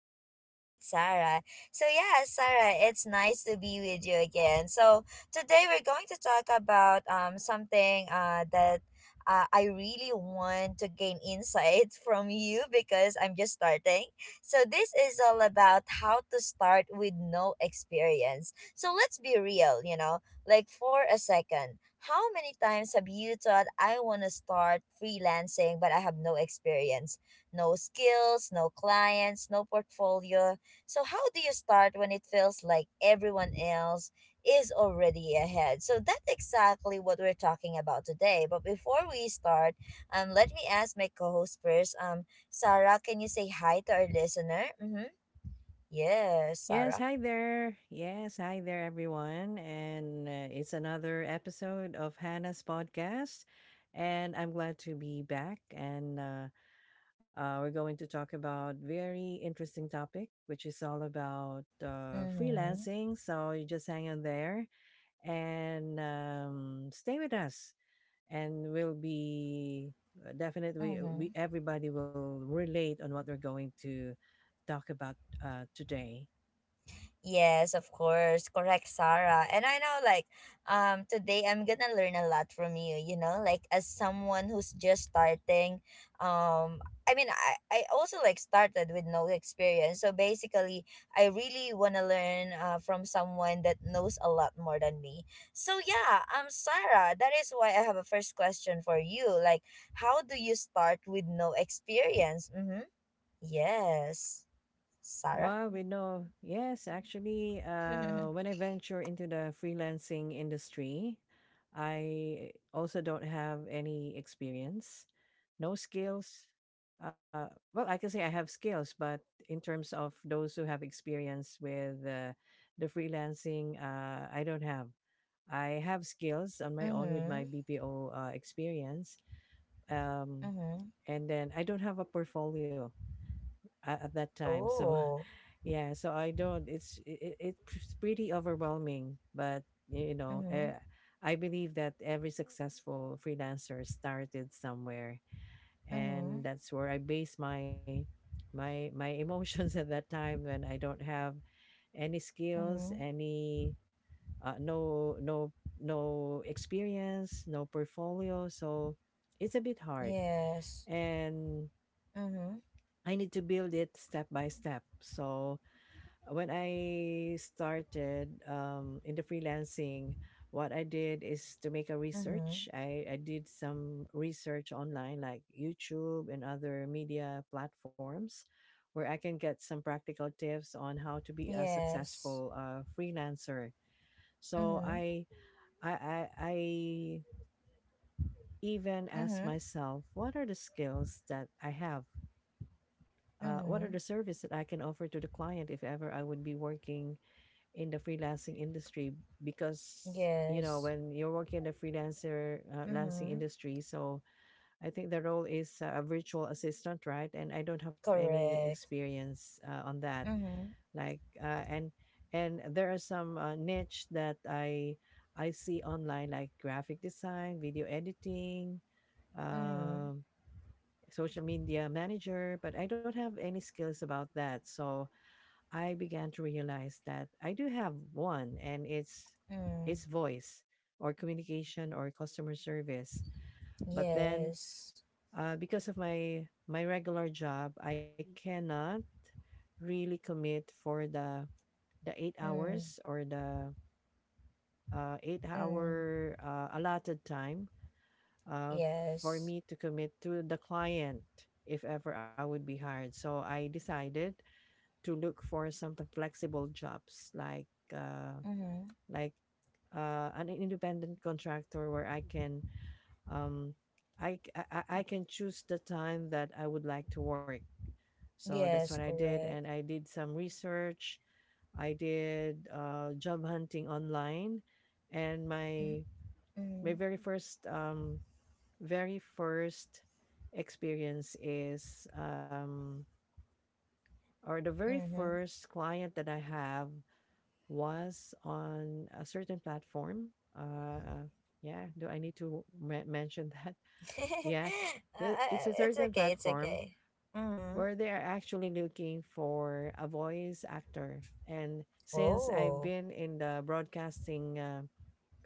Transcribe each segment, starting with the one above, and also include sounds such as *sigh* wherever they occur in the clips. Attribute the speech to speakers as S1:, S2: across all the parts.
S1: podcast with Sarah. So yeah, Sarah, it's nice to be with you again. So today we're going to talk about something that I really want to gain insight *laughs* from you because I'm just starting. So this is all about how to start with no experience. So let's be real, you know, like for a second. How many times have you thought I want to start freelancing but I have no experience? No skills, no clients, no portfolio. So how do you start when it feels like everyone else is already ahead? So that's exactly what we're talking about today. But before we start, let me ask my co host first. Sarah, can you say hi to our listener? Mm-hmm. Yes,
S2: Yes,
S1: Sarah.
S2: hi there. Yes, hi there, everyone. And it's another episode of Hannah's podcast. And I'm glad to be back. And we're going to talk about very interesting topic, which is all about
S1: Mm-hmm.
S2: freelancing. So you just hang on there and stay with us. And we'll be definitely we
S1: Mm-hmm.
S2: everybody will relate on what we're going to talk about today.
S1: Yes, of course. Correct, Sarah. And I know, like today I'm going to learn a lot from you, you know, like as someone who's just starting. Um I mean, I I also like started with no experience. So basically, I really want to learn from someone that knows a lot more than me. So yeah, Sarah, that is why I have a first question for you. Like how do you start with no experience? Mhm. Yes. Sarah?
S2: Well, we know. Yes, actually, when I
S1: *laughs*
S2: venture into the freelancing industry, I also don't have any experience, no skills. Uh, well, I can say I have skills, but in terms of those who have experience with the freelancing, I don't have. I have skills on my own with my
S1: Mhm.
S2: BPO experience, um,
S1: Mm-hmm.
S2: and then I don't have a portfolio at that time, so. *laughs*
S1: Oh.
S2: Yeah, so I don't. It's pretty overwhelming, but you know,
S1: Mm-hmm.
S2: I believe that every successful freelancer started somewhere,
S1: Mm-hmm.
S2: and that's where I base my emotions *laughs* at that time when I don't have any skills,
S1: Mm-hmm.
S2: any uh, no no no experience, no portfolio. So it's a bit hard,
S1: Yes.
S2: and
S1: Mm-hmm.
S2: I need to build it step by step. So when I started in the freelancing, what I did is to make a research.
S1: Mm-hmm.
S2: I did some research online, like YouTube and other media platforms, where I can get some practical tips on how to be a
S1: Yes.
S2: successful freelancer. So
S1: Mm-hmm.
S2: I even asked
S1: Mm-hmm.
S2: myself, what are the skills that I have? What are the
S1: Mm-hmm.
S2: service that I can offer to the client if ever I would be working in the freelancing industry because you know
S1: Yes.
S2: when you're working in the freelancer lancing
S1: Mm-hmm.
S2: industry so I think the role is a virtual assistant right and I don't have any
S1: Correct.
S2: experience on that
S1: Mm-hmm.
S2: like and there are some niche that i see online like graphic design video editing
S1: Mm-hmm.
S2: um, social media manager but I don't have any skills about that so I began to realize that I do have one and it's
S1: Mm.
S2: it's voice or communication or customer service. But then
S1: Yes.
S2: because of my regular job, I cannot really commit for the eight
S1: Mm.
S2: hours or the eight
S1: Mm.
S2: hour allotted time uh, for
S1: Yes.
S2: me to commit to the client if ever I would be hired. So I decided to look for some flexible jobs like uh,
S1: Mm-hmm.
S2: like an independent contractor where I can um, I, c- I can choose the time that I would like to work. So that's what
S1: Yes,
S2: I did,
S1: correct.
S2: and I did some research. I did job hunting online, and
S1: Mm-hmm.
S2: my very first very first experience is or the very
S1: Mm-hmm.
S2: first client that I have was on a certain platform. Uh, yeah, do I need to mention that? *laughs*
S1: *laughs*
S2: Yeah, it's a
S1: It's
S2: certain
S1: okay, it's
S2: platform
S1: okay. Mm-hmm.
S2: where they are actually looking for a voice actor. And since I've
S1: Oh.
S2: been in the broadcasting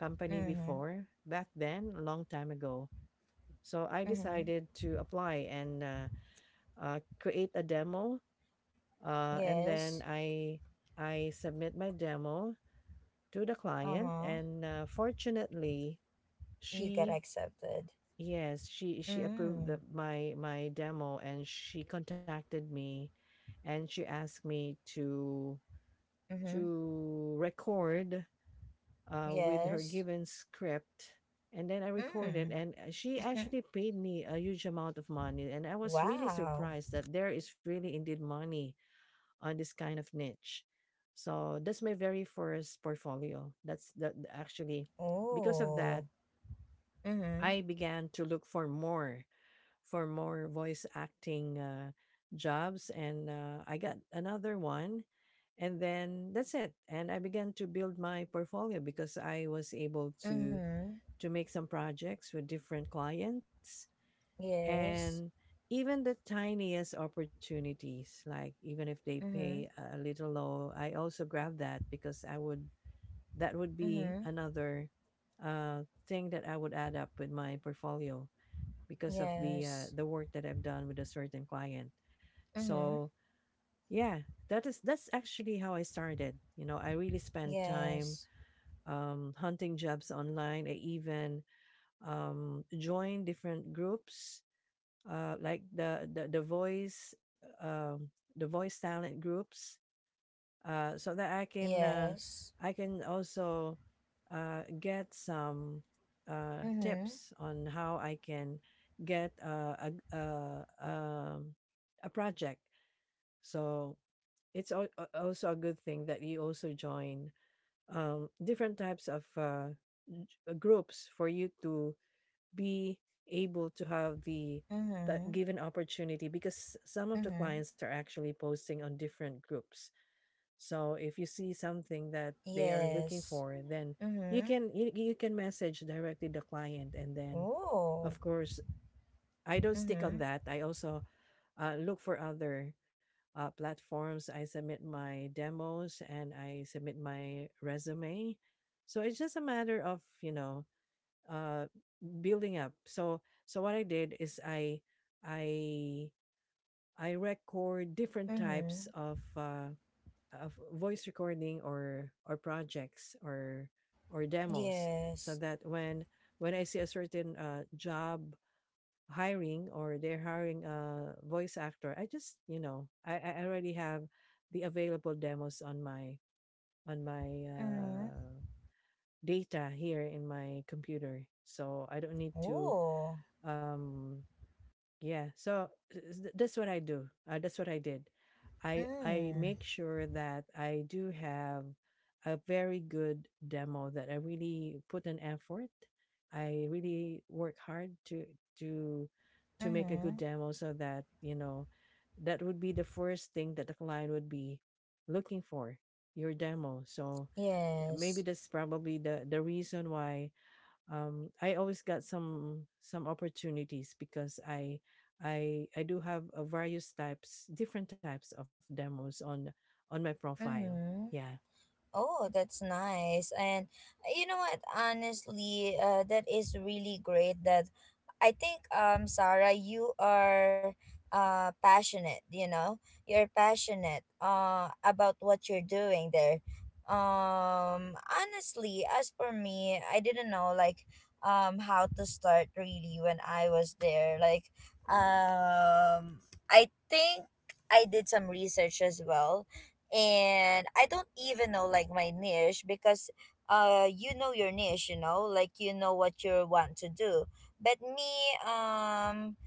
S2: company
S1: Mm-hmm.
S2: before, back then, a long time ago, so I
S1: Mm-hmm.
S2: decided to apply and create a demo. And then
S1: Yes.
S2: I submit my demo to the
S1: Uh
S2: client
S1: huh.
S2: and fortunately
S1: You get
S2: she
S1: accepted.
S2: yes she approved
S1: Mm.
S2: the, my demo and she contacted me and she asked me to
S1: Mm-hmm.
S2: to record with her
S1: Yes.
S2: given script and then I recorded and
S1: Mm.
S2: she
S1: *laughs*
S2: actually paid me a huge amount of money and I was really
S1: Wow.
S2: surprised that there is really indeed money on this kind of niche so that's my very first portfolio. Actually because of that
S1: Oh. Mm-hmm.
S2: I began to look for more voice acting jobs, and I got another one, and then that's it. And I began to build my portfolio because I was able to
S1: Mm-hmm.
S2: to make some projects with different clients,
S1: Yes.
S2: and even the tiniest opportunities, like even if they pay
S1: Mm-hmm.
S2: a little low, I also grab that because I would that would be
S1: Mm-hmm.
S2: another uh, thing that I would add up with my portfolio because of
S1: Yes.
S2: the work that I've done with a certain client.
S1: Mm-hmm.
S2: So yeah, that's actually how I started. You know, I really spent time
S1: Yes.
S2: hunting jobs online. I even joined different groups like the voice um, the voice talent groups so that
S1: Yes.
S2: I can also get some
S1: Mm-hmm.
S2: tips on how I can get a project. So also a good thing that you also join different types of groups for you to be able to have the
S1: Mm-hmm.
S2: given opportunity because some of the
S1: Mm-hmm.
S2: clients are actually posting on different groups so if you see something that they are looking
S1: Yes.
S2: for, then you
S1: Mm-hmm.
S2: can you can message directly the client, and then
S1: Oh.
S2: of course I don't stick on
S1: Mm-hmm.
S2: that. I also look for other platforms. I submit my demos and I submit my resume. So it's just a matter of you know uh, building up. So so what I did is I I record different types
S1: Mm-hmm.
S2: of voice recording or projects or demos so
S1: Yes.
S2: that when I see a certain job hiring or they're hiring a voice actor, I just you know I already have the available demos on my
S1: Mm-hmm.
S2: data here in my computer, so I don't need to
S1: Oh.
S2: um, yeah, so that's what I do. That's what I did. I
S1: Mm.
S2: make sure that I do have a very good demo that I really put an effort. I really work hard to to make a good
S1: Mm-hmm.
S2: demo so that, you know, that would be the first thing that the client would be looking for, your demo. So maybe
S1: Yes.
S2: that's probably the reason why I always got some opportunities because I do have various types different types of demos on my profile.
S1: Mm-hmm.
S2: Yeah.
S1: Oh, that's nice. And you know what? Honestly, that is really great. That I think, Sarah, you are passionate. You know, you're passionate about what you're doing there. Honestly, as for me, I didn't know like how to start really when I was there. Like, um, I think I did some research as well, and I don't even know like my niche, because you know your niche, you know, like you know what you want to do, but me, um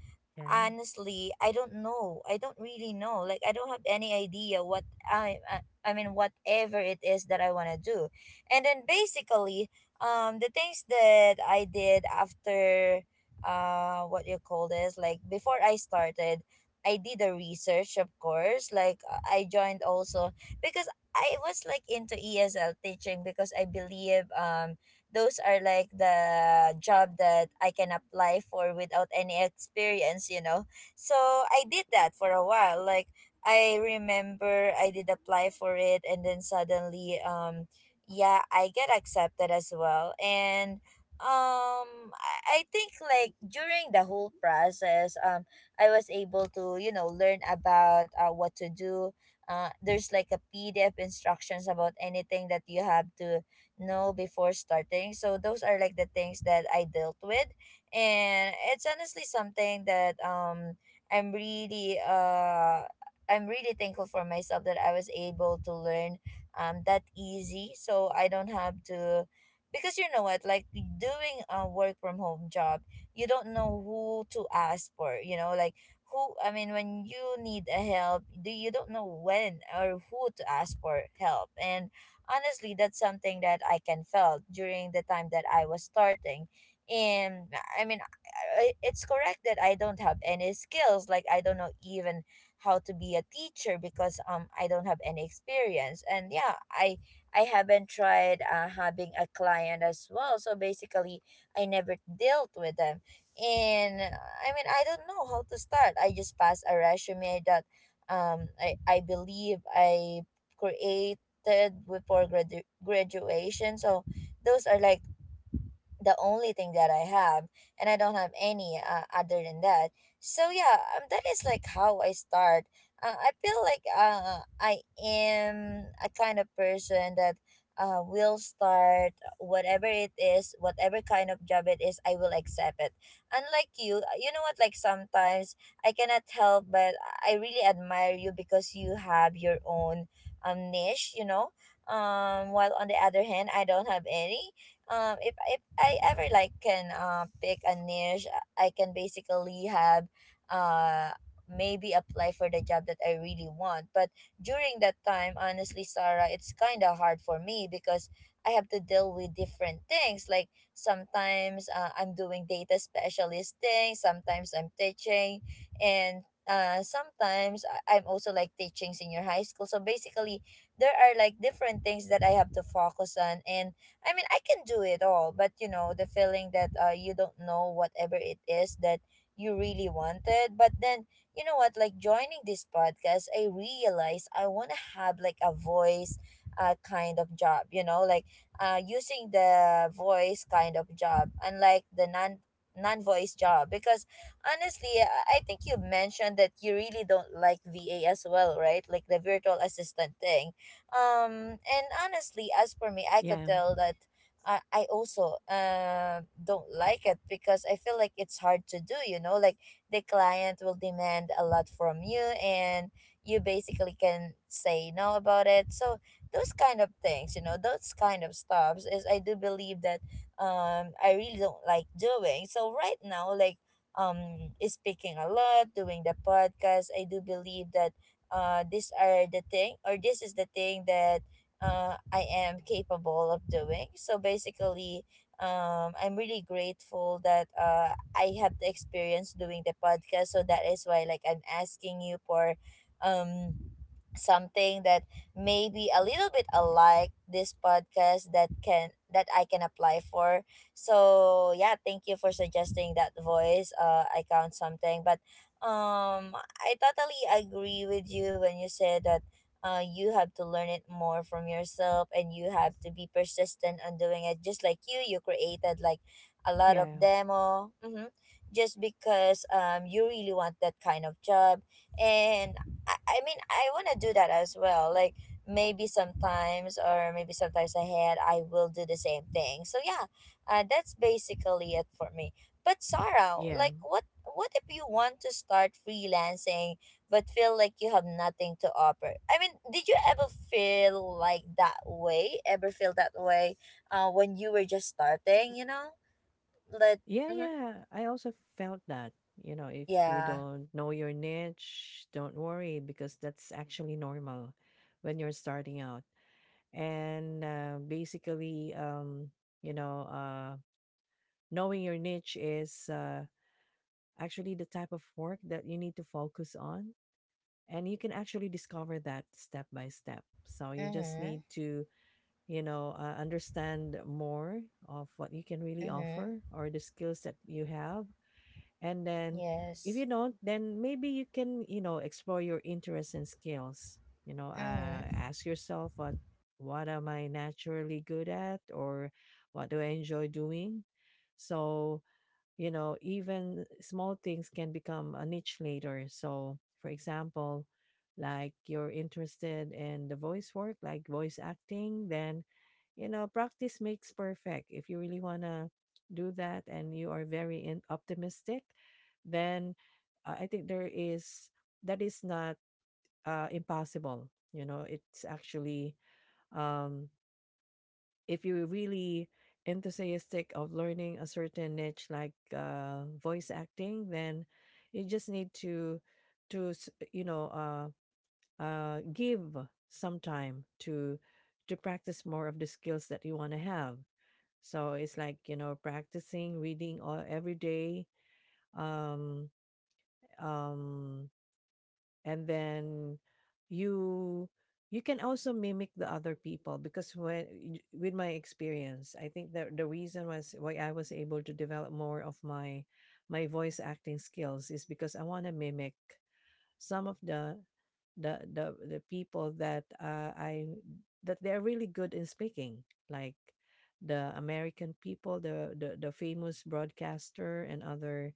S2: Yeah.
S1: honestly, I don't know, I don't really know, like I don't have any idea what I mean whatever it is that I want to do. And then basically, the things that I did after, what you call this, like before I started, I did a research, of course, like I joined also because I was like into ESL teaching because I believe those are like the job that I can apply for without any experience, you know. So I did that for a while. Like I remember I did apply for it and then suddenly, yeah, I get accepted as well. And I think like during the whole process, I was able to, you know, learn about what to do. There's like a PDF instructions about anything that you have to know before starting. So those are like the things that I dealt with, and it's honestly something that I'm really uh I'm really thankful for myself that I was able to learn that easy. So I don't have to, because you know what, like doing a work from home job, you don't know who to ask for, you know, like who, I mean when you need a help, do you don't know when or who to ask for help. And honestly, that's something that I can felt during the time that I was starting. And I mean, it's correct that I don't have any skills, like I don't know even how to be a teacher because I don't have any experience. And yeah, I haven't tried having a client as well, so basically I never dealt with them. And I mean I don't know how to start, I just pass a resume that, I believe I create accepted before graduation. So those are like the only thing that I have, and I don't have any other than that. So yeah, that is like how I start. I feel like I am a kind of person that will start whatever it is, whatever kind of job it is, I will accept it. Unlike you, you know what? Like sometimes I cannot help, but I really admire you because you have your own niche. You know. While on the other hand, I don't have any, if I ever like can pick a niche, I can basically have uh maybe apply for the job that I really want. But during that time, honestly, Sarah, it's kind of hard for me because I have to deal with different things. Like sometimes I'm doing data specialist things, sometimes I'm teaching, and sometimes I'm also like teaching senior high school. So basically, there are like different things that I have to focus on. And I mean, I can do it all, but you know, the feeling that you don't know whatever it is that you really wanted. But then, you know what, like joining this podcast, I realized I want to have like a voice kind of job, you know, like using the voice kind of job, unlike the non-voice job. Because honestly, I think you mentioned that you really don't like VA as well, right? Like the virtual assistant thing. And honestly, as for me, I
S2: Yeah.
S1: could tell that I also don't like it because I feel like it's hard to do, you know, like the client will demand a lot from you and you basically can say no about it. So those kind of things, you know, those kind of stops is I do believe that I really don't like doing. So right now, like speaking a lot, doing the podcast, I do believe that these are the thing or this is the thing that I am capable of doing. So basically, I'm really grateful that I have the experience doing the podcast. So that is why like I'm asking you for um something that may be a little bit alike this podcast that I can apply for. So yeah, thank you for suggesting that voice. I count something, but I totally agree with you when you said that. You have to learn it more from yourself and you have to be persistent on doing it, just like you created like a lot of
S2: Yeah.
S1: demo mm-hmm, just because you really want that kind of job. And I mean I want to do that as well. Like maybe sometimes or maybe sometimes ahead I will do the same thing. So yeah, that's basically it for me. But Sarah,
S2: Yeah.
S1: like what if you want to start freelancing but feel like you have nothing to offer? I mean, did you ever feel like that way? Ever feel that way when you were just starting, you know? Like
S2: Yeah,
S1: mm-hmm.
S2: yeah. I also felt that, you know, if you
S1: Yeah.
S2: don't know your niche, don't worry because that's actually normal when you're starting out. And basically you know, knowing your niche is actually the type of work that you need to focus on. And you can actually discover that step by step. So you just
S1: Mhm.
S2: need to, you know, understand more of what you can really
S1: Mhm.
S2: offer or the skills that you have. And then if you
S1: Yes.
S2: don't, then maybe you can, you know, explore your interests and skills. You know,
S1: Mhm.
S2: ask yourself what am I naturally good at or what do I enjoy doing? So you know, even small things can become a niche later. So, for example, like you're interested in the voice work, like voice acting, then, you know, practice makes perfect. If you really want to do that and you are very optimistic, then I think that is not impossible. You know, it's actually, um, if you're really enthusiastic of learning a certain niche like voice acting then you just need you know give some time to practice more of the skills that you want to have so it's like you know practicing reading all, every day um um and then you you can also mimic the other people because with my experience I think that the reason was why I was able to develop more of my voice acting skills is because I want to mimic some of the people that I that they're really good in speaking, like the American people, the famous broadcaster and other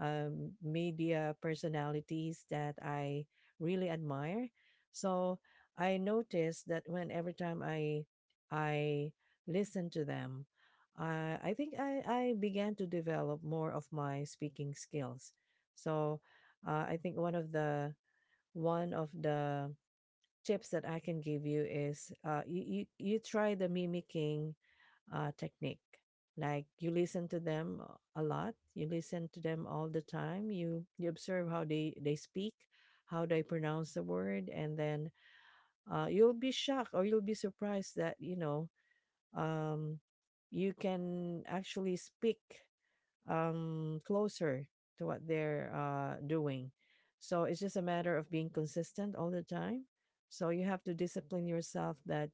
S2: media personalities that I really admire. So I noticed that when every time I listen to them, I began to develop more of my speaking skills. So I think one of the tips that I can give you is you try the mimicking technique. Like you listen to them a lot, you listen to them all the time. You observe how they speak, how they pronounce the word, and then you'll be shocked or you'll be surprised that you know um, you can actually speak closer to what they're doing. So it's just a matter of being consistent all the time. So you have to discipline yourself that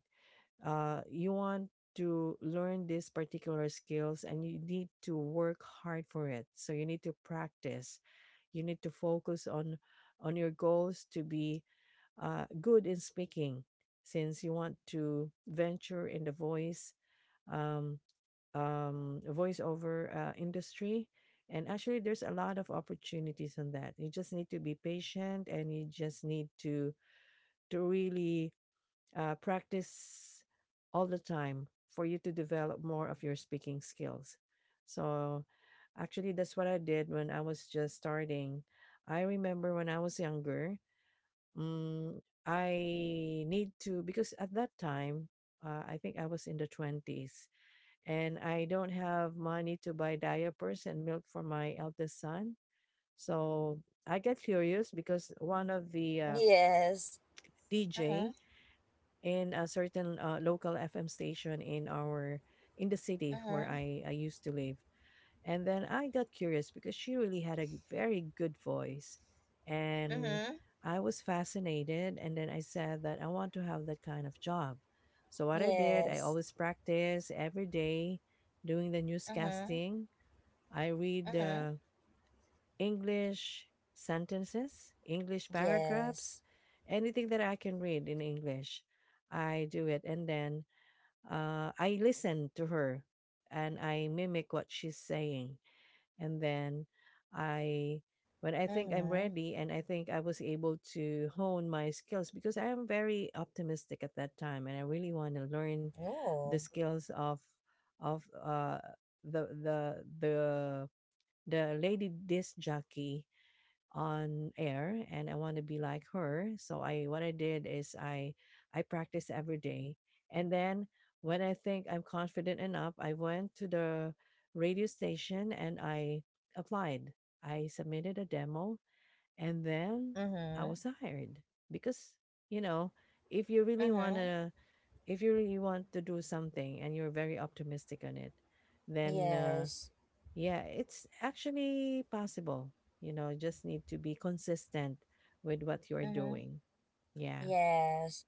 S2: you want to learn these particular skills and you need to work hard for it. So you need to practice. You need to focus on your goals to be good in speaking since you want to venture in the voice um, voiceover industry. And actually, there's a lot of opportunities on that. You just need to be patient, and you just need to to really practice all the time for you to develop more of your speaking skills. So, actually, that's what I did when I was just starting. I remember when I was younger, mm, I need to, because at that time, I think I was in the 20s and I don't have money to buy diapers and milk for my eldest son. So I get curious because one of the
S1: Yes. Mm-hmm.
S2: DJ in a certain local FM station in our in the city where
S1: Mm-hmm.
S2: I used to live, and then I got curious because she really had a very good voice. And
S1: Mm-hmm.
S2: I was fascinated. And then I said that I want to have that kind of job. So, what I did, I
S1: Yes.
S2: always practice every day doing the
S1: Mm-hmm.
S2: newscasting. I read
S1: Mm-hmm.
S2: English sentences, English paragraphs,
S1: Yes.
S2: anything that I can read in English. I do it. And then I listen to her and I mimic what she's saying, and then I when I think I'm
S1: Mm-hmm.
S2: ready and I think I was able to hone my skills because I am very optimistic at that time and I really want to learn the
S1: Oh.
S2: skills of of uh the the the the lady disc jockey on air, and I want to be like her. So I what I did is I practice every day. And then when I think I'm confident enough, I went to the radio station and I applied. I submitted a demo, and then I
S1: Mm-hmm.
S2: was hired because, you know, if you really want
S1: Mm-hmm.
S2: to if you really want to do something and you're very optimistic on it, then
S1: Yes.
S2: yeah, it's actually possible. You know, just need to be consistent with what you're
S1: Mm-hmm.
S2: doing. Yeah.
S1: Yes.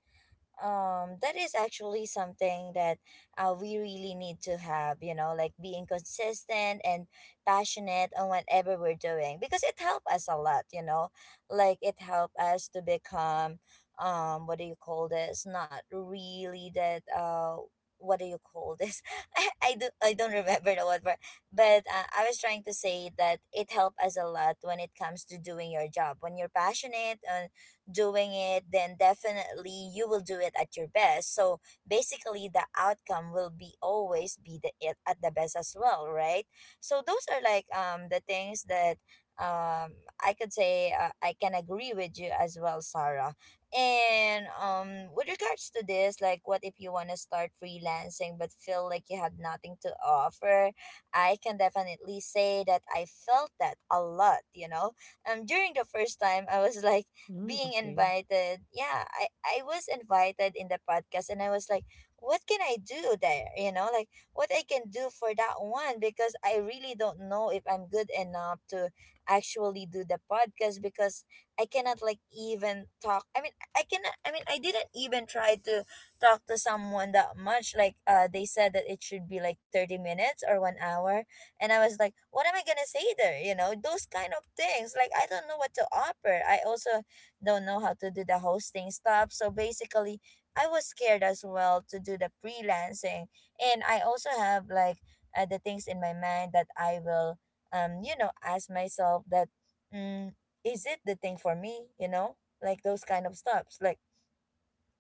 S1: That is actually something that we really need to have, you know, like being consistent and passionate on whatever we're doing, because it helped us a lot, you know, like it helped us to become, what do you call this not really that, what do you call this *laughs* I don't remember the word for. But I was trying to say that it helped us a lot when it comes to doing your job. When you're passionate doing it, then definitely you will do it at your best. So basically, the outcome will be always be the it at the best as well, right? So those are like the things that um I could say, I can agree with you as well, Sarah. And with regards to this, like what if you want to start freelancing but feel like you have nothing to offer? I can definitely say that I felt that a lot, you know. During the first time I was *laughs* like
S2: Mm,
S1: being
S2: okay. *laughs*
S1: invited, yeah, I was invited in the podcast, and I was like, what can I do there? What I can do for that one? Because I really don't know if I'm good enough to actually do the podcast. Because I cannot like even talk, I cannot, I didn't even try to talk to someone that much. Like, uh, they said that it should be like 30 minutes or 1 hour, and I was like, what am I going to say there? Those kind of things, like I don't know what to offer. I also don't know how to do the hosting stuff. So basically, I was scared as well to do the freelancing. And I also have like the things in my mind that I will, ask myself that, mm, is it the thing for me? Like those kind of stuffs. Like,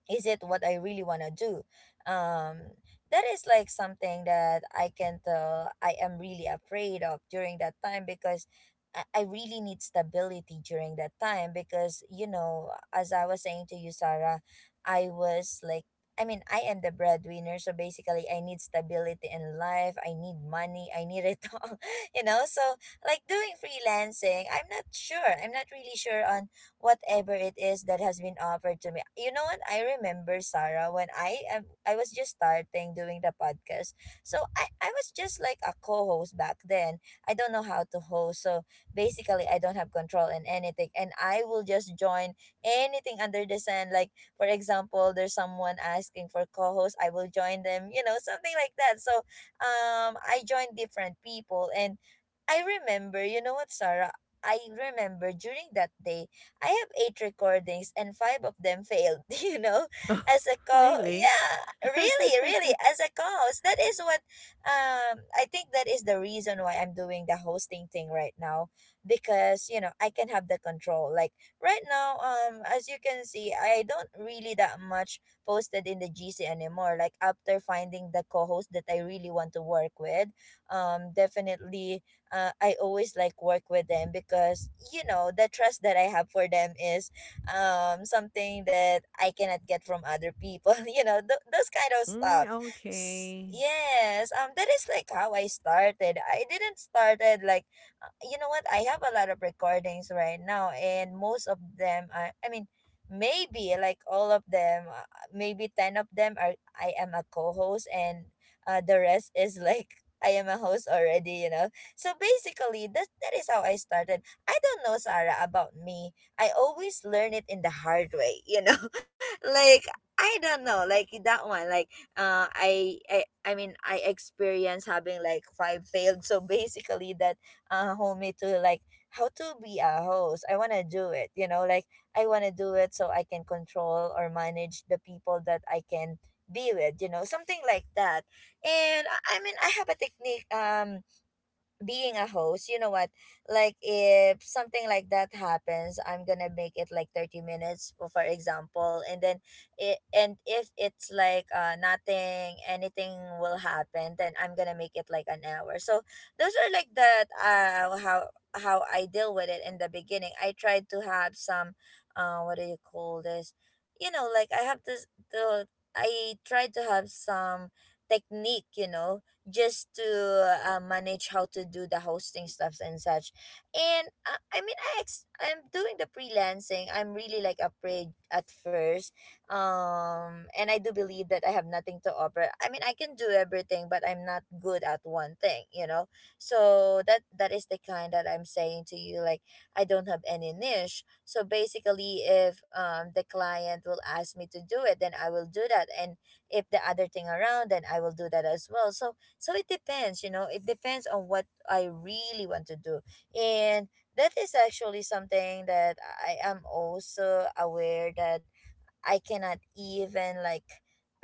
S1: is it what I really want to do? Um, that is like something that I can tell I am really afraid of during that time because I really need stability during that time because, you know, as I was saying to you, Sarah, I was like, I mean, I am the breadwinner, so basically, I need stability in life. I need money. I need it *laughs* all, So, like doing freelancing, I'm not sure. I'm not really sure on whatever it is that has been offered to me. You know what? I remember, Sarah, when I was just starting doing the podcast. So I was just like a co-host back then. I don't know how to host. So basically I don't have control in anything, and I will just join anything under the sun. Like for example, there's someone asking for co-host, I will join them, you know, something like that. So I joined different people. And I remember, you know what, Sarah? I remember during that day, I have eight recordings and five of them failed, *laughs*
S2: Oh,
S1: as a co
S2: really?
S1: yeah,
S2: *laughs*
S1: really, really, as a co-host. That is what I think that is the reason why I'm doing the hosting thing right now. Because, you know, I can have the control. Like right now, as you can see, I don't really that much posted in the GC anymore. Like after finding the co-host that I really want to work with, definitely I always like work with them because you know the trust that I have for them is something that I cannot get from other people. *laughs* You know those kind of
S2: Mm,
S1: stuff.
S2: okay.
S1: Yes, that is like how I started. I didn't started like, you know what? I have a lot of recordings right now, and most of them are. I mean, maybe like all of them, maybe ten of them are. I am a co-host, and the rest is *laughs* like I am a host already. You know, so basically, that is how I started. I don't know, Sarah, about me. I always learn it in the hard way, you know. *laughs* Like I don't know, like that one. Like uh, I I. I mean, I experienced having like five failed. So basically, that hold me to like how to be a host. I wanna do it, you know, like I wanna do it so I can control or manage the people that I can be with, you know, something like that. And I mean, I have a technique. Being a host, you know what? Like if something like that happens, I'm gonna make it like 30 minutes, for example, and then it and if it's like nothing, anything will happen, then I'm gonna make it like an hour. So those are like that how I deal with it in the beginning. I tried to have some what do you call this? You know, like I have this the I tried to have some technique, you know, just to manage how to do the hosting stuffs and such. And I mean, I'm doing the freelancing. I'm really like afraid at first. And I do believe that I have nothing to offer. I mean, I can do everything, but I'm not good at one thing, you know? So that is the kind that I'm saying to you, like, I don't have any niche. So basically, if the client will ask me to do it, then I will do that. And if the other thing around, then I will do that as well. So so it depends, you know, it depends on what I really want to do. And that is actually something that I am also aware that I cannot even like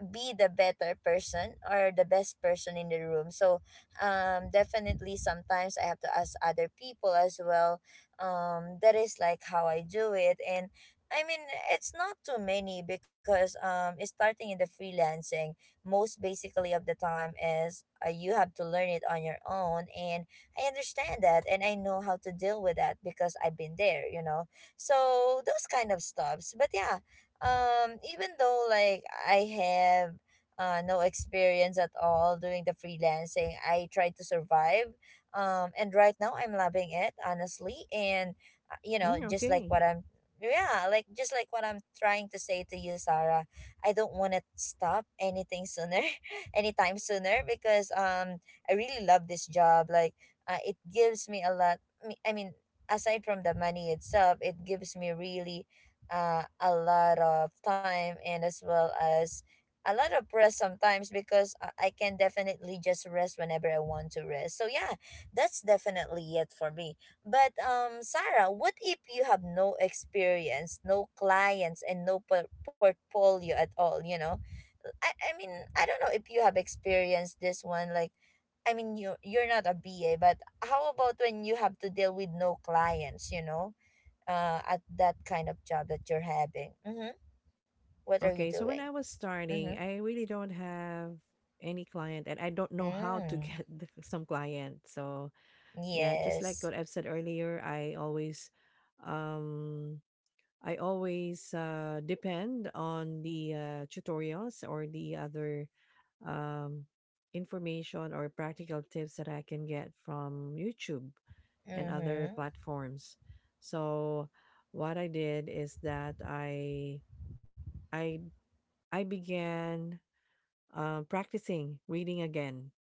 S1: be the better person or the best person in the room. So definitely sometimes I have to ask other people as well. That is like how I do it. And i mean it's not too many because it's starting in the freelancing. Most basically of the time is you have to learn it on your own. And I understand that and I know how to deal with that because I've been there, you know. So those kind of stuffs. But yeah, even though like I have no experience at all doing the freelancing, I try to survive. And right now I'm loving it honestly. And you know,
S2: Mm,
S1: just like
S2: okay.
S1: what I'm yeah, like just like what I'm trying to say to you, Sarah, I don't want to stop anything sooner, *laughs* anytime sooner because I really love this job. Like it gives me a lot I mean, aside from the money itself, it gives me really a lot of time and as well as a lot of rest sometimes because I can definitely just rest whenever I want to rest. So yeah, that's definitely it for me. But Sarah, what if you have no experience, no clients, and no portfolio at all? You know, I mean I don't know if you have experienced this one. Like, I mean, you're not a B A, but how about when you have to deal with no clients? You know, at that kind of job that you're having. Mm-hmm. What are you
S2: Okay. So
S1: doing?
S2: when I was
S1: Mm-hmm.
S2: starting, I really don't have any client and I don't know how to *laughs*
S1: Mm.
S2: get the, some client. So, yeah, just like
S1: Yes.
S2: what I've said earlier, um I always depend on the tutorials or the other um, information or practical tips that I can get from YouTube and other
S1: Mm-hmm.
S2: platforms. So what I did is that I I began practicing reading again,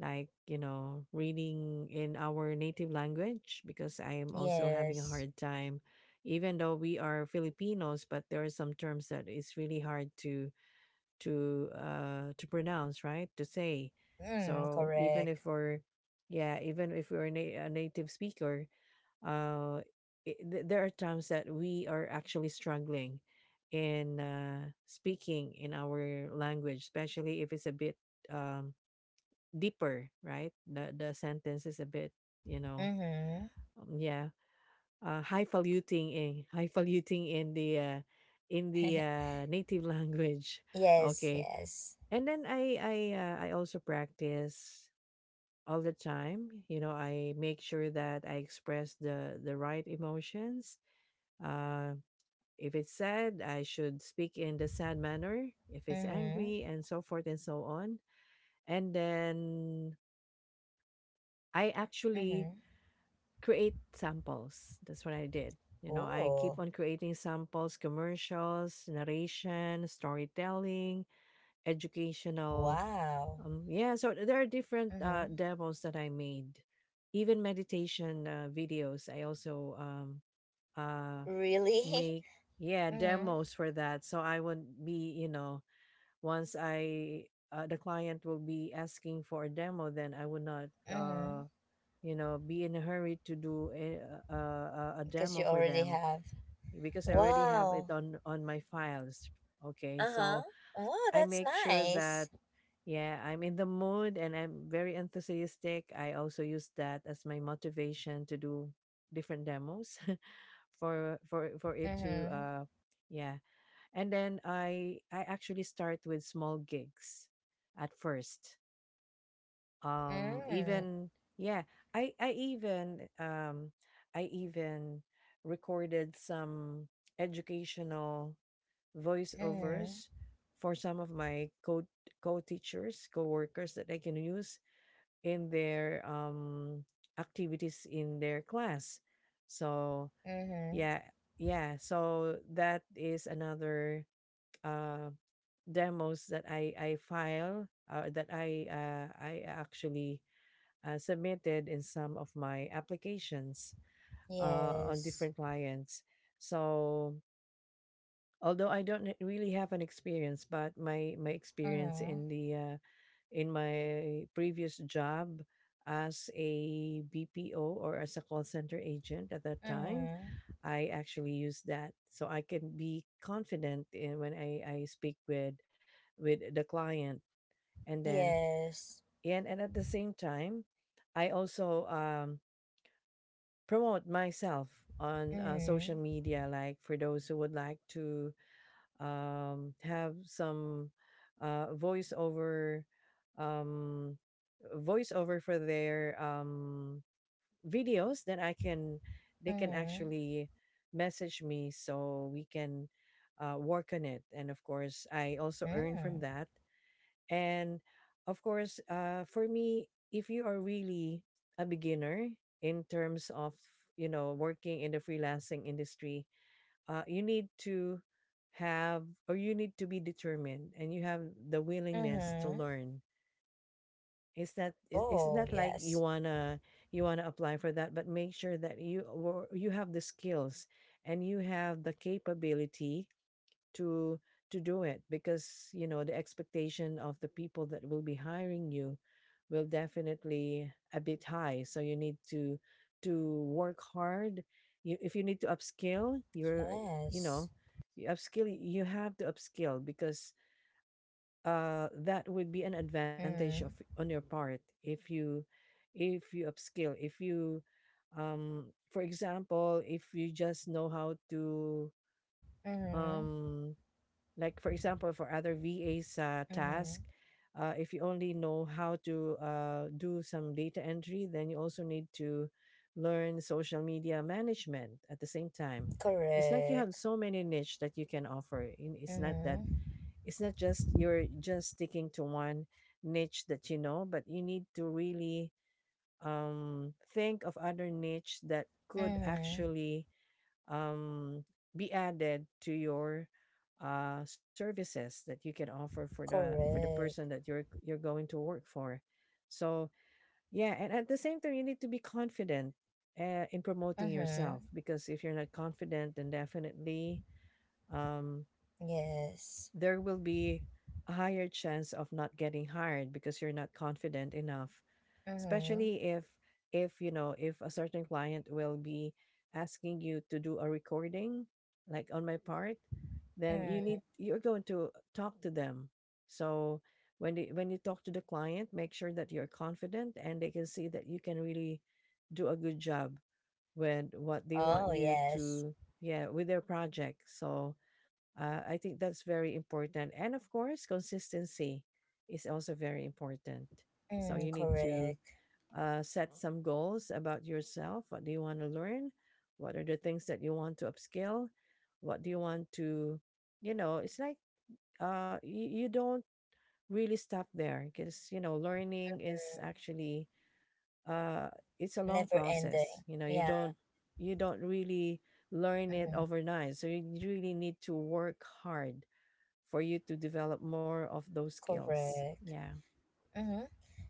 S2: like, you know, reading in our native language because I am also having a
S1: Yes.
S2: hard time. Even though we are Filipinos, but there are some terms that is really hard to to pronounce right, to say.
S1: Mm,
S2: So even
S1: correct.
S2: if we're, yeah, even if we're a native speaker, uh there are times that we are actually struggling in speaking in our language, especially if it's a bit um deeper, right? The sentence is a bit, you know,
S1: Mm-hmm.
S2: um, yeah, highfalutin, in highfalutin in the
S1: *laughs*
S2: native *laughs* language.
S1: Yes,
S2: Okay,
S1: yes.
S2: and then I also practice all the time. You know, I make sure that I express the right emotions. Uh, if it's sad, I should speak in the sad manner. If it's
S1: Mm-hmm.
S2: angry, and so forth and so on. And then I actually
S1: Mm-hmm.
S2: create samples. That's what I did. You know, I
S1: Oh,
S2: keep on creating samples, commercials, narration, storytelling, educational.
S1: wow.
S2: Yeah, so there are different
S1: Mm-hmm.
S2: demos that I made, even meditation videos. I also uh,
S1: Really? *laughs*
S2: make, yeah,
S1: Mm-hmm.
S2: demos for that. So I would be, you know, once I the client will be asking for a demo, then I would not.
S1: Mm-hmm.
S2: You know, be in a hurry to do a
S1: Because you
S2: demo for
S1: already
S2: them
S1: have.
S2: because I already have it
S1: Wow.
S2: on my files. Okay,
S1: Uh-huh.
S2: so
S1: Wow,
S2: I
S1: that's
S2: make sure that,
S1: nice.
S2: yeah, I'm in the mood and I'm very enthusiastic. I also use that as my motivation to do different demos *laughs* for it to
S1: Mm-hmm.
S2: yeah. And then I actually start with small gigs at first.
S1: Mm.
S2: Even yeah I I even um I even recorded some educational
S1: Mm-hmm.
S2: voiceovers for some of my co co-teachers, co-workers, that they can use in their activities in their class. So
S1: Mm-hmm.
S2: yeah, yeah, so that is another uh demos that I file, that I I actually submitted in some of my applications on
S1: Yes.
S2: different clients. So although I don't h- really have an experience, but my experience
S1: Mhm.
S2: in the in my previous job as a BPO or as a call center agent at that time,
S1: Mhm.
S2: I actually use that. So I can be confident in when I speak with the client. And then
S1: Yes.
S2: and at the same time, I also promote myself on social
S1: Mhm.
S2: media, like for those who would like to have some uh, voiceover, um, voiceover for their videos, then they can
S1: Mhm.
S2: actually message me so we can work on it. And of course, I also earn from
S1: Mhm.
S2: that. And of course, for me, if you are really a beginner in terms of, you know, working in the freelancing industry, you need to have, or you need to be determined and you have the willingness to
S1: Mhm.
S2: learn. It's
S1: Oh,
S2: not like
S1: yes.
S2: you wanna apply for that, but make sure that you have the skills and you have the capability to to do it, because you know the expectation of the people that will be hiring you will definitely a bit high, so you need to work hard. If you need to upskill, you're you know
S1: Yes.
S2: you upskill you have to upskill, because that would be an advantage of
S1: Mhm.
S2: on your part if you if you upskill if you um for example, if you just know how to
S1: Mhm.
S2: um like, for example, for other VA's task,
S1: Mhm.
S2: if you only know how to do some data entry, then you also need to learn social media management at the same time. It's like you have
S1: Correct.
S2: so many niche that you can offer. In It's not that
S1: Mhm.
S2: it's not just you're just sticking to one niche that you know, but you need to really think of other niche that could
S1: Mhm.
S2: actually um, be added to your services that you can offer for the person
S1: Correct.
S2: that you're going to work for. So yeah, and at the same time, you need to be confident in promoting yourself
S1: Mhm.
S2: because if you're not confident, then definitely um,
S1: Yes.
S2: there will be a higher chance of not getting hired because you're not confident enough,
S1: Mhm.
S2: especially if if a certain client will be asking you to do a recording, like on my part, then
S1: Mhm.
S2: you're going to talk to them. So when you talk to the client, make sure that you're confident and they can see that you can really do a good job with what they
S1: Oh,
S2: want you
S1: yes.
S2: to, yeah, with their project. So I think that's very important. And of course, consistency is also very important. So
S1: Mm,
S2: you need to
S1: correct.
S2: set some goals about yourself. What do you want to learn? What are the things that you want to upskill? What do you want to, you know, it's like you don't really stop there because, you know, learning is actually, uh, it's a long
S1: Never ending.
S2: process. You know,
S1: Yeah.
S2: you don't really learn it
S1: Mhm.
S2: overnight. So you really need to work hard for you to develop more of those skills.
S1: Correct.
S2: Yeah.
S1: Mm-hmm.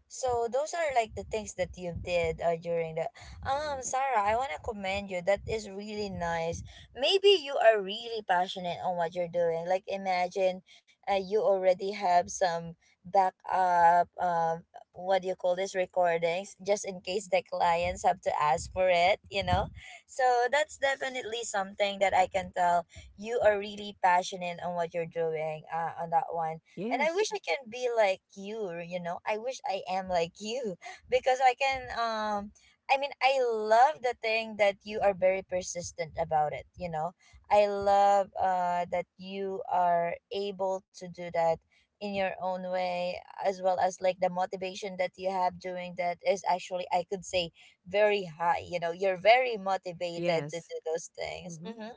S1: So those are like the things that you did during the Sarah, I want to commend you. That is really nice. Maybe you are really passionate on what you're doing. Like imagine you already have some backup what do you call this recordings just in case the clients have to ask for it, you know? So that's definitely something that I can tell you are really passionate on what you're doing on that one. And I wish
S2: Yes.
S1: I can be like you know, I wish I am like you *laughs* because I can I mean, I love the thing that you are very persistent about it, you know. I love that you are able to do that in your own way, as well as like the motivation that you have doing that is actually, I could say, very high. You know, you're very motivated to do
S2: Yes.
S1: those things. Hmm,
S2: Hmm.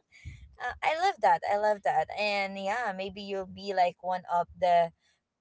S1: I love that. I love that. And yeah, maybe you'll be like one of the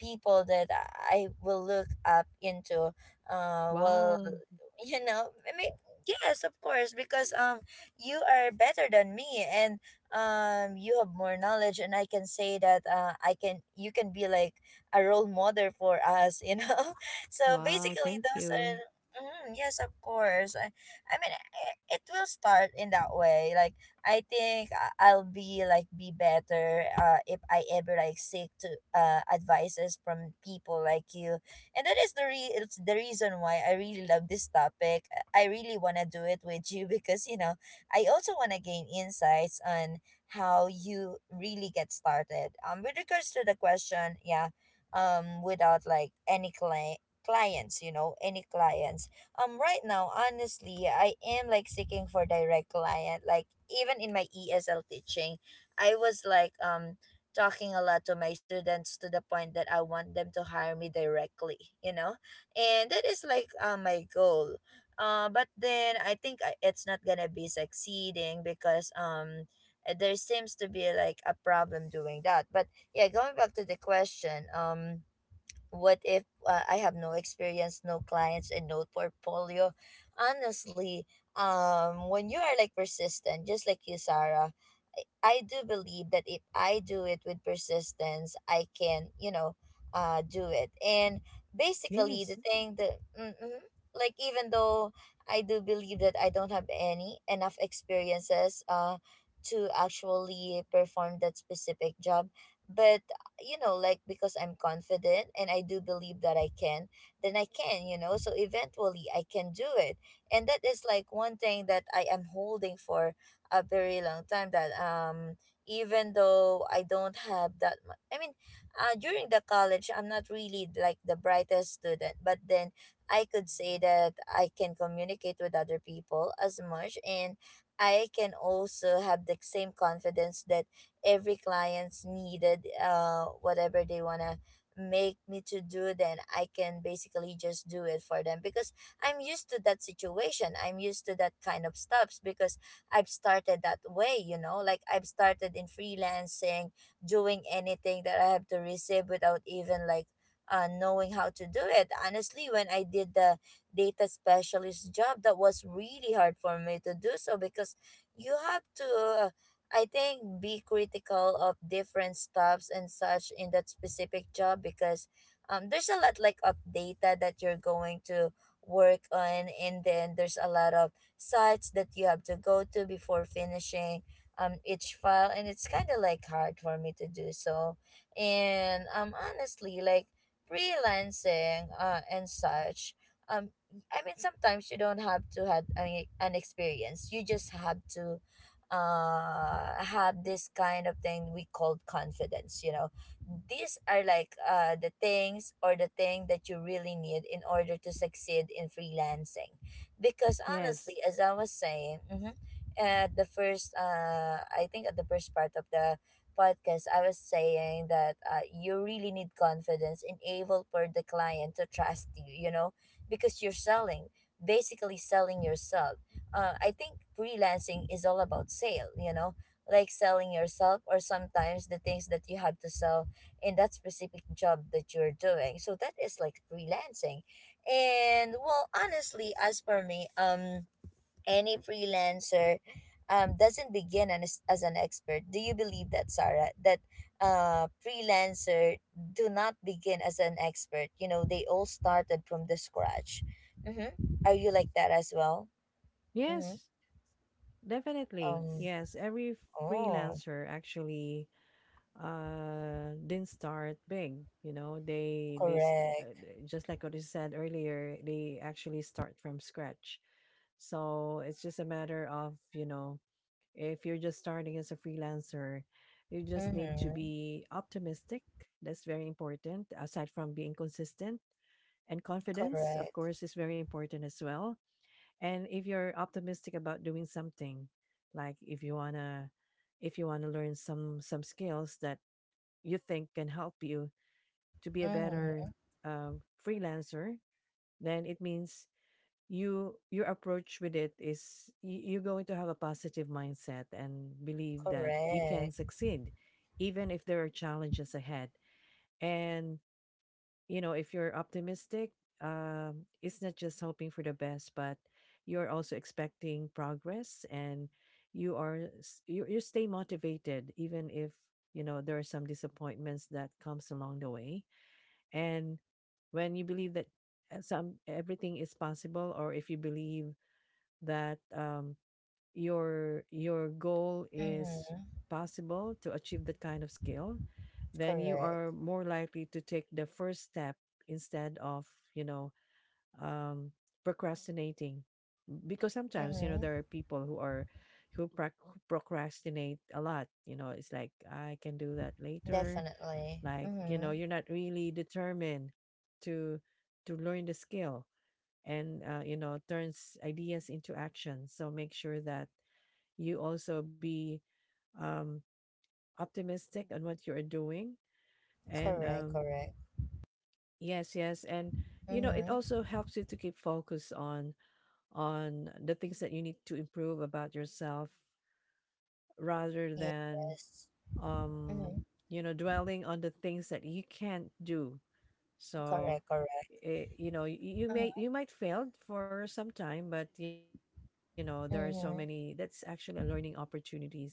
S1: people that I will look up into. Uh, well,
S2: Wow.
S1: you know, I mean, yes, of course, because you are better than me, and you have more knowledge. And I can say that I can you can be like a role model for us, you know. *laughs* So
S2: Wow.
S1: basically,
S2: Thank
S1: those are.
S2: you.
S1: Mm, yes, of course. It will start in that way. Like I think I'll be like be better if I ever like seek to advices from people like you, and that is the it's the reason why I really love this topic. I really wanna do it with you *laughs* because you know I also wanna gain insights on how you really get started. With regards to the question, yeah, without like any clients, you know, any clients. Right now honestly I am like seeking for direct client. Like even in my ESL teaching, I was like talking a lot to my students to the point that I want them to hire me directly, you know. And that is like my goal. But then I think it's not gonna be succeeding because there seems to be like a problem doing that. But yeah, going back to the question, what if I have no experience, no clients, and no portfolio? Honestly, when you are like persistent, just like you, Sarah, I do believe that if I do it with persistence, I can, you know, do it. And basically, the
S2: Yes.
S1: thing that, even though I do believe that I don't have any enough experiences, to actually perform that specific job, but you know, like because I'm confident and I do believe that I can, then I can. So eventually I can do it. And that is like one thing that I am holding for a very long time that even though I don't have that much, I mean, during the college, I'm not really like the brightest student, but then I could say that I can communicate with other people as much, and I can also have the same confidence that every client's needed, uh, whatever they want to make me to do, then I can basically just do it for them because I'm used to that situation. I'm used to that kind of stuffs because I've started that way, you know, like I've started in freelancing doing anything that I have to receive without even like knowing how to do it. Honestly, when I did the data specialist job, that was really hard for me to do so because you have to uh, I think be critical of different stuffs and such in that specific job because there's a lot like of data that you're going to work on, and then there's a lot of sites that you have to go to before finishing each file, and it's kind of like hard for me to do so. And honestly, like freelancing and such, um I mean sometimes you don't have to have an experience. You just have to have this kind of thing we called confidence, you know. These are like the things or the thing that you really need in order to succeed in freelancing, because honestly,
S2: Yes.
S1: as I was saying, mm-hmm, at the first I think at the first part of the podcast, I was saying that you really need confidence and able for the client to trust you, you know, because you're selling, basically selling yourself. I think freelancing is all about sale, you know, like selling yourself or sometimes the things that you have to sell in that specific job that you're doing. So that is like freelancing. And well, honestly, as for me, any freelancer doesn't begin as an expert. Do you believe that, Sarah? That freelancer do not begin as an expert. You know, they all started from the scratch. Mm-hmm. Are you like that as well? Mm-hmm.
S2: Yes. Definitely.
S1: Um,
S2: Yes. Every
S1: oh,
S2: freelancer actually didn't start big, you know.
S1: correct.
S2: Just like what you said earlier, they actually start from scratch. So it's just a matter of, you know, if you're just starting as a freelancer, you just need to
S1: Mm-hmm.
S2: be optimistic. That's very important, aside from being consistent. And confidence, of
S1: Correct.
S2: course, is very important as well. And if you're optimistic about doing something, like if you wanna learn some skills that you think can help you to be a better
S1: Mm-hmm.
S2: freelancer, then it means your approach with it is you're going to have a positive mindset and believe that you can
S1: Correct.
S2: succeed even if there are challenges ahead. And, you know, if you're optimistic, it's not just hoping for the best, but you're also expecting progress, and you, you stay motivated even if, you know, there are some disappointments that comes along the way. And when you believe that some, everything is possible, or if you believe that your goal is
S1: Mm-hmm.
S2: possible to achieve that kind of skill, then you
S1: Correct.
S2: are more likely to take the first step instead of, you know, um, procrastinating. Because sometimes, you know,
S1: Mm-hmm.
S2: there are people who are who prac procrastinate a lot. You know, it's like, I can do that later.
S1: Definitely.
S2: Like, you know,
S1: Mm-hmm.
S2: you're not really determined to to learn the skill. And you know, turns ideas into action. So make sure that you also be um, optimistic on what you are doing. And
S1: Correct, correct.
S2: yes, yes, and you know, it
S1: Mm-hmm.
S2: also helps you to keep focus on the things that you need to improve about yourself, rather than
S1: Yes.
S2: um,
S1: Mm-hmm.
S2: you know, dwelling on the things that you can't do. So
S1: Correct, correct.
S2: you know, you may, you might fail for some time, but you know there are so many that's
S1: Mm-hmm.
S2: actually a learning opportunities,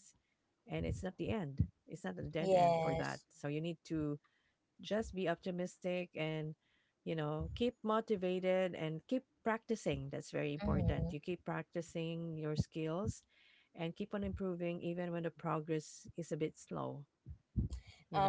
S2: and it's not the end. It's not the dead end for that, so
S1: Yes.
S2: you need to just be optimistic and, you know, keep motivated and keep practicing. That's very
S1: Mm-hmm.
S2: important. You keep practicing your skills and keep on improving even when the progress is a bit slow,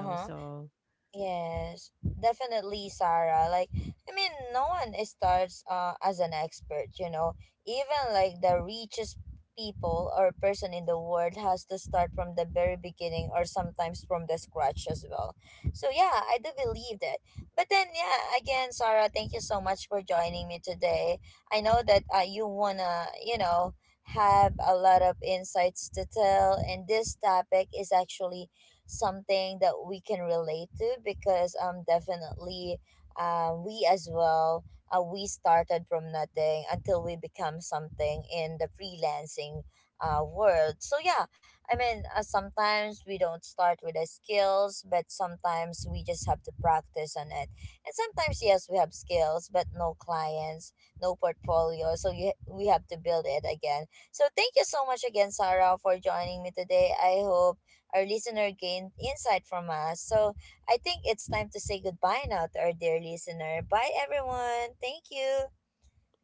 S2: you know. So
S1: Yes, definitely, Sarah. Like, I mean, no one starts as an expert, you know. Even like the richest people or person in the world has to start from the very beginning or sometimes from the scratch as well. So, yeah, I do believe that. But then, yeah, again, Sarah, thank you so much for joining me today. I know that you wanna, you know, have a lot of insights to tell, and this topic is actually something that we can relate to because definitely we as well, we started from nothing until we become something in the freelancing world. So yeah, I mean, sometimes we don't start with the skills, but sometimes we just have to practice on it, and sometimes yes we have skills but no clients, no portfolio, so we have to build it again. So thank you so much again, Sarah, for joining me today. I hope our listener gained insight from us. So I think it's time to say goodbye now to our dear listener. Bye, everyone. Thank you.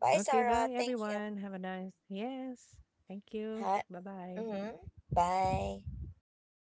S1: Bye,
S2: okay,
S1: Sarah.
S2: bye
S1: Thank you.
S2: everyone, have a nice, yes, thank
S1: Hi.
S2: you, bye bye.
S1: Mm-hmm. Bye.